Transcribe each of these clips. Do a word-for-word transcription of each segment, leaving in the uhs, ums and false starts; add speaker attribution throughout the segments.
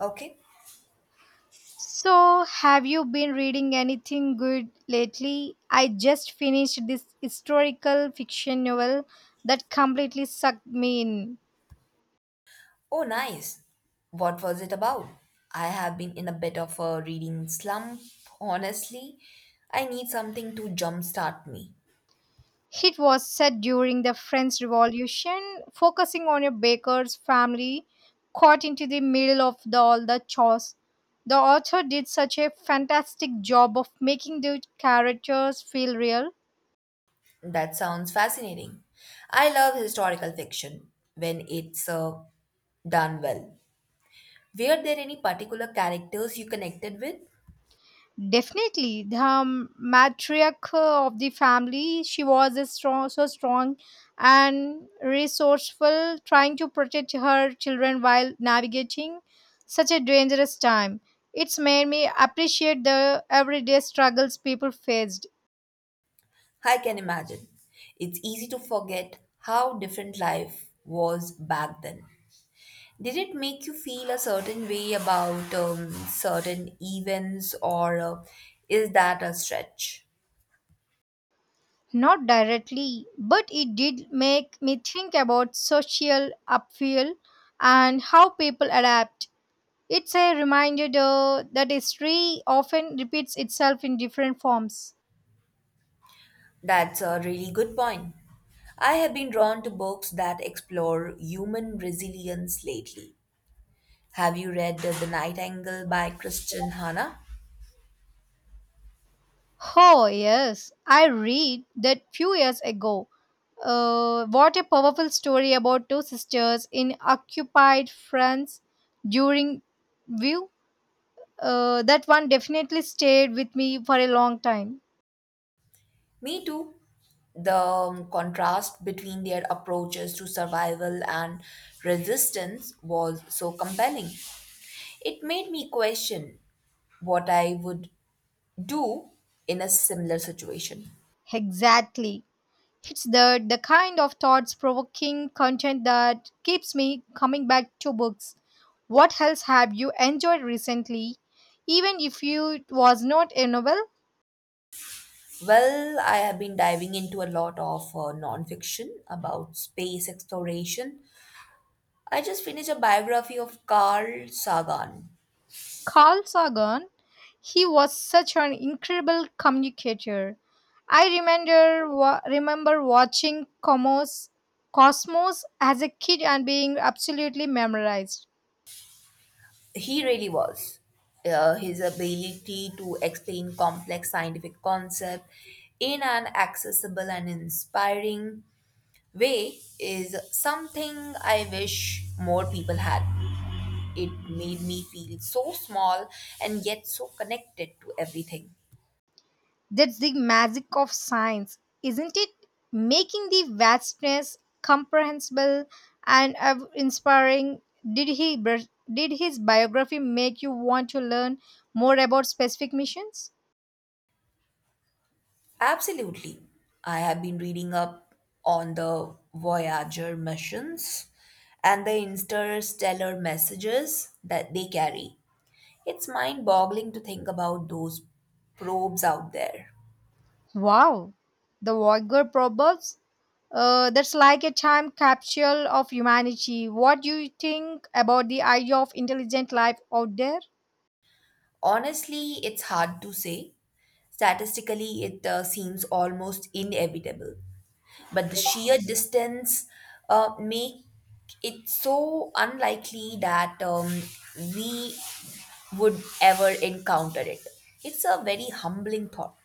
Speaker 1: Okay.
Speaker 2: So, have you been reading anything good lately? I just finished this historical fiction novel that completely sucked me in.
Speaker 1: Oh, nice. What was it about? I have been in a bit of a reading slump, honestly. I need something to jumpstart me.
Speaker 2: It was set during the French Revolution, focusing on a baker's family caught into the middle of the, all the chores. The author did such a fantastic job of making the characters feel real.
Speaker 1: That sounds fascinating. I love historical fiction when it's uh, done well. Were there any particular characters you connected with?
Speaker 2: Definitely, the um, matriarch uh, of the family, she was a strong, so strong and resourceful, trying to protect her children while navigating such a dangerous time. It's made me appreciate the everyday struggles people faced.
Speaker 1: I can imagine. It's easy to forget how different life was back then. Did it make you feel a certain way about um, certain events, or uh, is that a stretch?
Speaker 2: Not directly, but it did make me think about social upheaval and how people adapt. It's a reminder though, that history often repeats itself in different forms.
Speaker 1: That's a really good point. I have been drawn to books that explore human resilience lately. Have you read The Nightingale by Kristen Hanna?
Speaker 2: Oh, yes, I read that few years ago. Uh, what a powerful story about two sisters in occupied France during view. Uh, that one definitely stayed with me for a long time.
Speaker 1: Me too. The um, contrast between their approaches to survival and resistance was so compelling. It made me question what I would do in a similar situation?
Speaker 2: Exactly. It's the, the kind of thoughts provoking content that keeps me coming back to books. What else have you enjoyed recently? Even if you it was not a novel.
Speaker 1: Well, I have been diving into a lot of uh, nonfiction about space exploration. I just finished a biography of Carl Sagan.
Speaker 2: Carl Sagan, he was such an incredible communicator. I remember wa- remember watching Cosmos, Cosmos as a kid and being absolutely memorized.
Speaker 1: He really was. Uh, his ability to explain complex scientific concepts in an accessible and inspiring way is something I wish more people had. It made me feel so small and yet so connected to everything.
Speaker 2: That's the magic of science, isn't it? Making the vastness comprehensible and uh, inspiring. Did he bir- did his biography make you want to learn more about specific missions?
Speaker 1: Absolutely. I have been reading up on the Voyager missions and the interstellar messages that they carry. It's mind boggling to think about those probes out there.
Speaker 2: Wow, the Voyager proverbs. Uh, that's like a time capsule of humanity. What do you think about the idea of intelligent life out there?
Speaker 1: Honestly, it's hard to say. Statistically, it uh, seems almost inevitable. But the sheer distance uh, make it so unlikely that um, we would ever encounter it. It's a very humbling thought.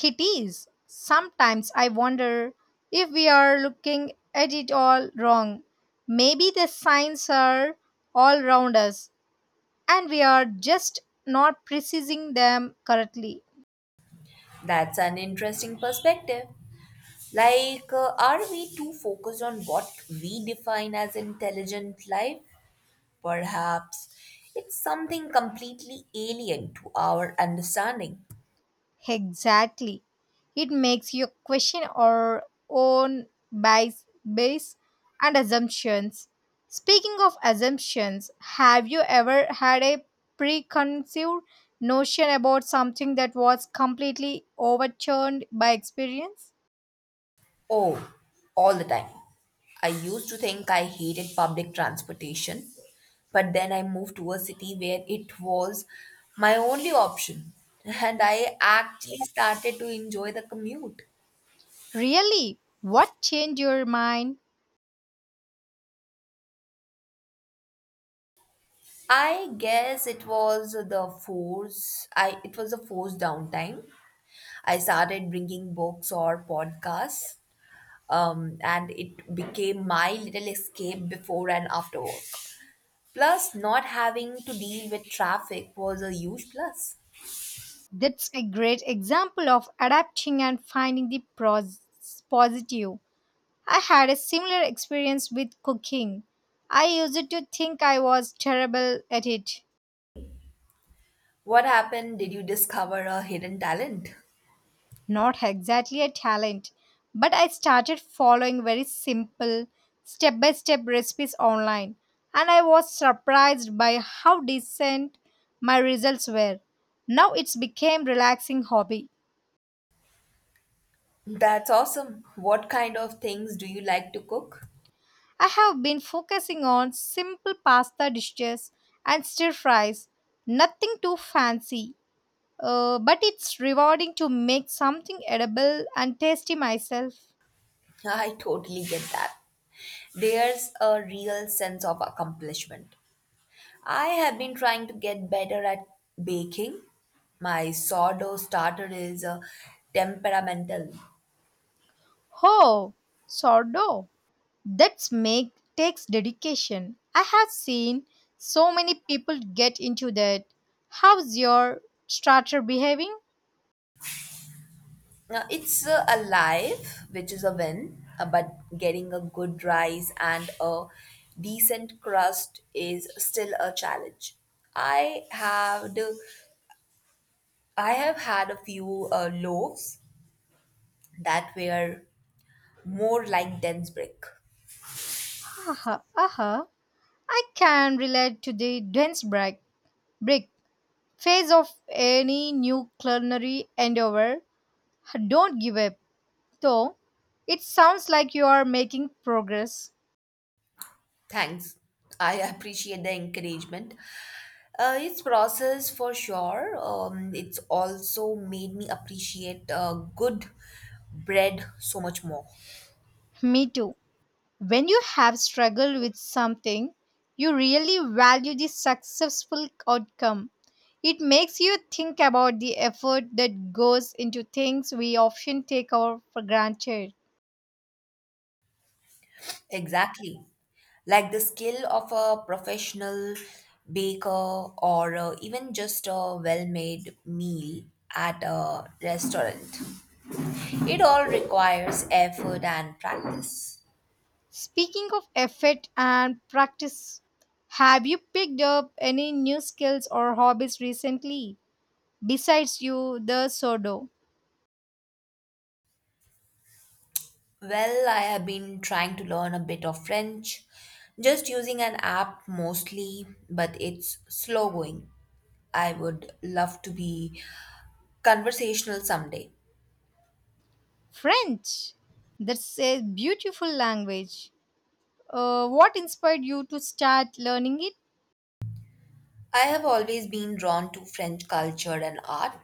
Speaker 2: It is. Sometimes I wonder if we are looking at it all wrong. Maybe the signs are all around us and we are just not precising them correctly.
Speaker 1: That's an interesting perspective. Like, uh, are we too focused on what we define as intelligent life? Perhaps it's something completely alien to our understanding.
Speaker 2: Exactly. It makes you question our own bias, bias and assumptions. Speaking of assumptions, have you ever had a preconceived notion about something that was completely overturned by experience?
Speaker 1: Oh, all the time. I used to think I hated public transportation, but then I moved to a city where it was my only option, and I actually started to enjoy the commute.
Speaker 2: Really? What changed your mind?
Speaker 1: I guess it was the force. I it was the forced downtime. I started bringing books or podcasts, um, and it became my little escape before and after work. Plus, not having to deal with traffic was a huge plus.
Speaker 2: That's a great example of adapting and finding the pros- positive. I had a similar experience with cooking. I used to think I was terrible at it.
Speaker 1: What happened? Did you discover a hidden talent?
Speaker 2: Not exactly a talent, but I started following very simple, step by step recipes online, and I was surprised by how decent my results were. Now it's became relaxing hobby.
Speaker 1: That's awesome. What kind of things do you like to cook?
Speaker 2: I have been focusing on simple pasta dishes and stir fries, nothing too fancy. Uh, but it's rewarding to make something edible and tasty myself.
Speaker 1: I totally get that. There's a real sense of accomplishment. I have been trying to get better at baking. My sourdough starter is uh, temperamental.
Speaker 2: Oh, sourdough. That's make Takes dedication. I have seen so many people get into that. How's your starter behaving?
Speaker 1: Now, it's uh, alive, which is a win, uh, but getting a good rice and a decent crust is still a challenge. I have I have had a few uh, loaves that were more like dense brick.
Speaker 2: Aha, aha. I can relate to the dense break, break phase of any new culinary endeavor. Don't give up, though. It sounds like you are making progress.
Speaker 1: Thanks. I appreciate the encouragement. Uh, it's process for sure. Um, it's also made me appreciate uh, good bread so much more.
Speaker 2: Me too. When you have struggled with something, you really value the successful outcome. It makes you think about the effort that goes into things we often take our for granted.
Speaker 1: Exactly. Like, the skill of a professional baker or uh, even just a well made meal at a restaurant. It all requires effort and practice.
Speaker 2: Speaking of effort and practice, have you picked up any new skills or hobbies recently? Besides you, the sodo.
Speaker 1: Well, I have been trying to learn a bit of French, just using an app mostly, but it's slow going. I would love to be conversational someday.
Speaker 2: French. That's a beautiful language. Uh, what inspired you to start learning it?
Speaker 1: I have always been drawn to French culture and art,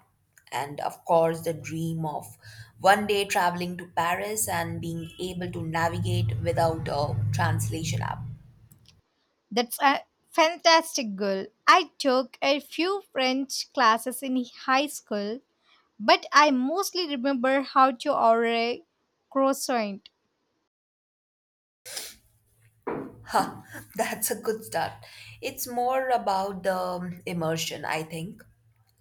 Speaker 1: and of course, the dream of one day traveling to Paris and being able to navigate without a translation app.
Speaker 2: That's a fantastic goal. I took a few French classes in high school, but I mostly remember how to order a croissant.
Speaker 1: Ha, that's a good start. It's more about the immersion, I think.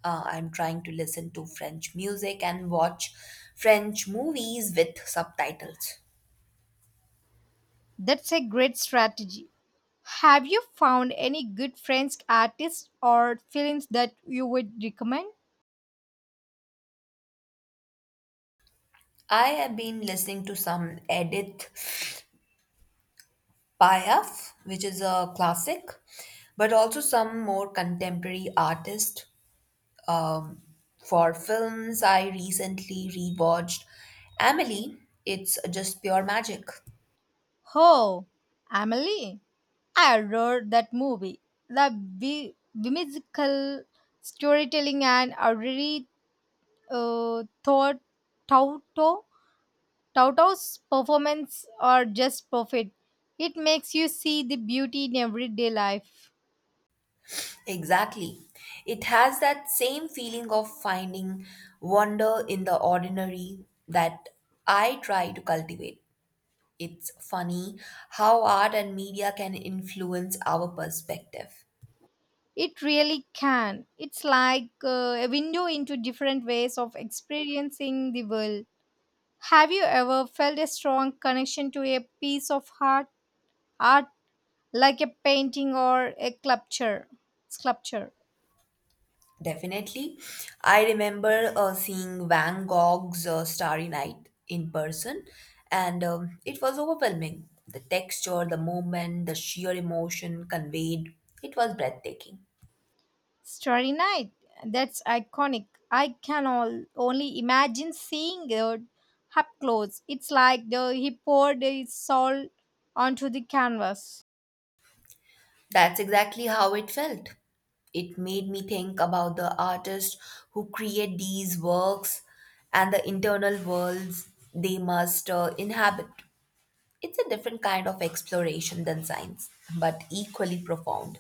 Speaker 1: Uh, I'm trying to listen to French music and watch French movies with subtitles.
Speaker 2: That's a great strategy. Have you found any good French artists or films that you would recommend?
Speaker 1: I have been listening to some Edith Payaf, which is a classic, but also some more contemporary artists. Um, for films, I recently rewatched Amelie. It's just pure magic.
Speaker 2: Oh, Amelie. I adored that movie. The bi- whimsical storytelling and a really uh, thought, thought Tauto's performance are just perfect. It makes you see the beauty in everyday life.
Speaker 1: Exactly. It has that same feeling of finding wonder in the ordinary that I try to cultivate. It's funny how art and media can influence our perspective.
Speaker 2: It really can. It's like uh, a window into different ways of experiencing the world. Have you ever felt a strong connection to a piece of art, art like a painting or a sculpture? Sculpture.
Speaker 1: Definitely. I remember uh, seeing Van Gogh's uh, Starry Night in person, and um, it was overwhelming. The texture, the movement, the sheer emotion conveyed, it was breathtaking.
Speaker 2: Starry Night. That's iconic. I can all, only imagine seeing it up close. It's like the, he poured his soul onto the canvas.
Speaker 1: That's exactly how it felt. It made me think about the artists who create these works and the internal worlds they must uh, inhabit. It's a different kind of exploration than science, but equally profound.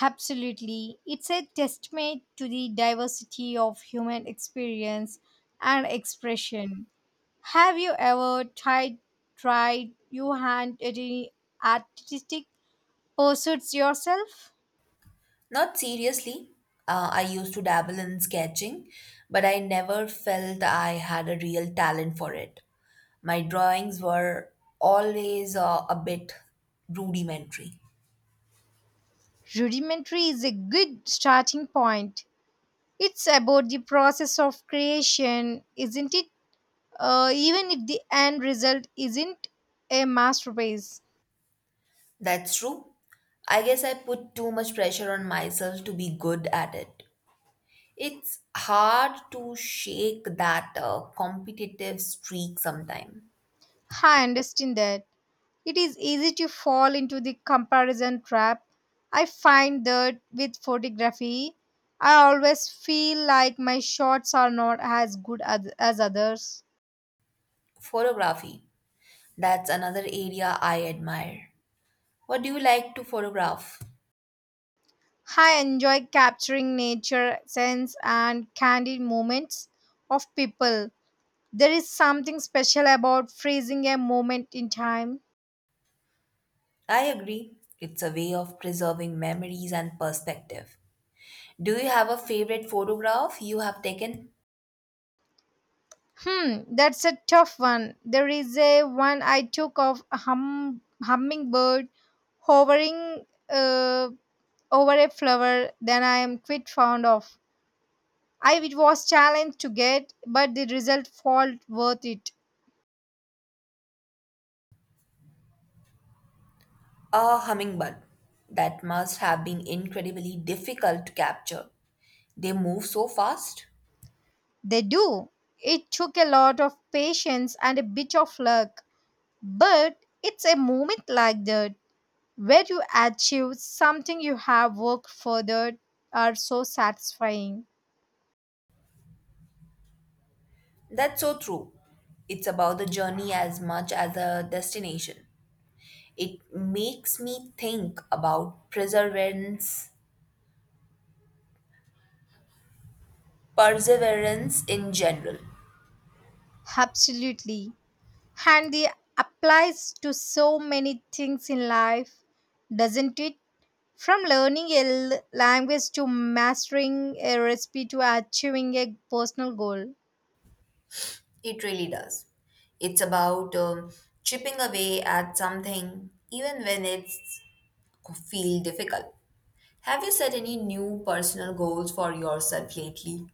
Speaker 2: Absolutely. It's a testament to the diversity of human experience and expression. Have you ever tried tried your hand at any artistic pursuits yourself?
Speaker 1: Not seriously. Uh, I used to dabble in sketching, but I never felt I had a real talent for it. My drawings were always uh, a bit rudimentary.
Speaker 2: Rudimentary is a good starting point. It's about the process of creation, isn't it? Uh, even if the end result isn't a masterpiece.
Speaker 1: That's true. I guess I put too much pressure on myself to be good at it. It's hard to shake that uh, competitive streak sometime.
Speaker 2: I understand that. It is easy to fall into the comparison trap. I find that with photography, I always feel like my shots are not as good as, as others.
Speaker 1: Photography, that's another area I admire. What do you like to photograph?
Speaker 2: I enjoy capturing nature, sense, and candid moments of people. There is something special about freezing a moment in time.
Speaker 1: I agree. It's a way of preserving memories and perspective. Do you have a favorite photograph you have taken?
Speaker 2: Hmm, that's a tough one. There is a one I took of a hum- hummingbird hovering uh, over a flower. Then I am quite fond of. I it was challenged to get, but the result felt worth it.
Speaker 1: A hummingbird. That must have been incredibly difficult to capture. They move so fast.
Speaker 2: They do. It took a lot of patience and a bit of luck, but it's a moment like that where you achieve something you have worked further are so satisfying.
Speaker 1: That's so true. It's about the journey as much as the destination. It makes me think about perseverance, perseverance in general.
Speaker 2: Absolutely. And it applies to so many things in life, doesn't it? From learning a l- language to mastering a recipe to achieving a personal goal.
Speaker 1: It really does. It's about um, chipping away at something, even when it's feel difficult. Have you set any new personal goals for yourself lately?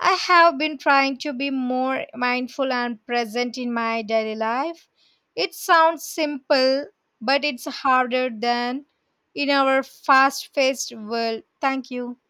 Speaker 2: I have been trying to be more mindful and present in my daily life. It sounds simple, but it's harder than in our fast paced world. Thank you.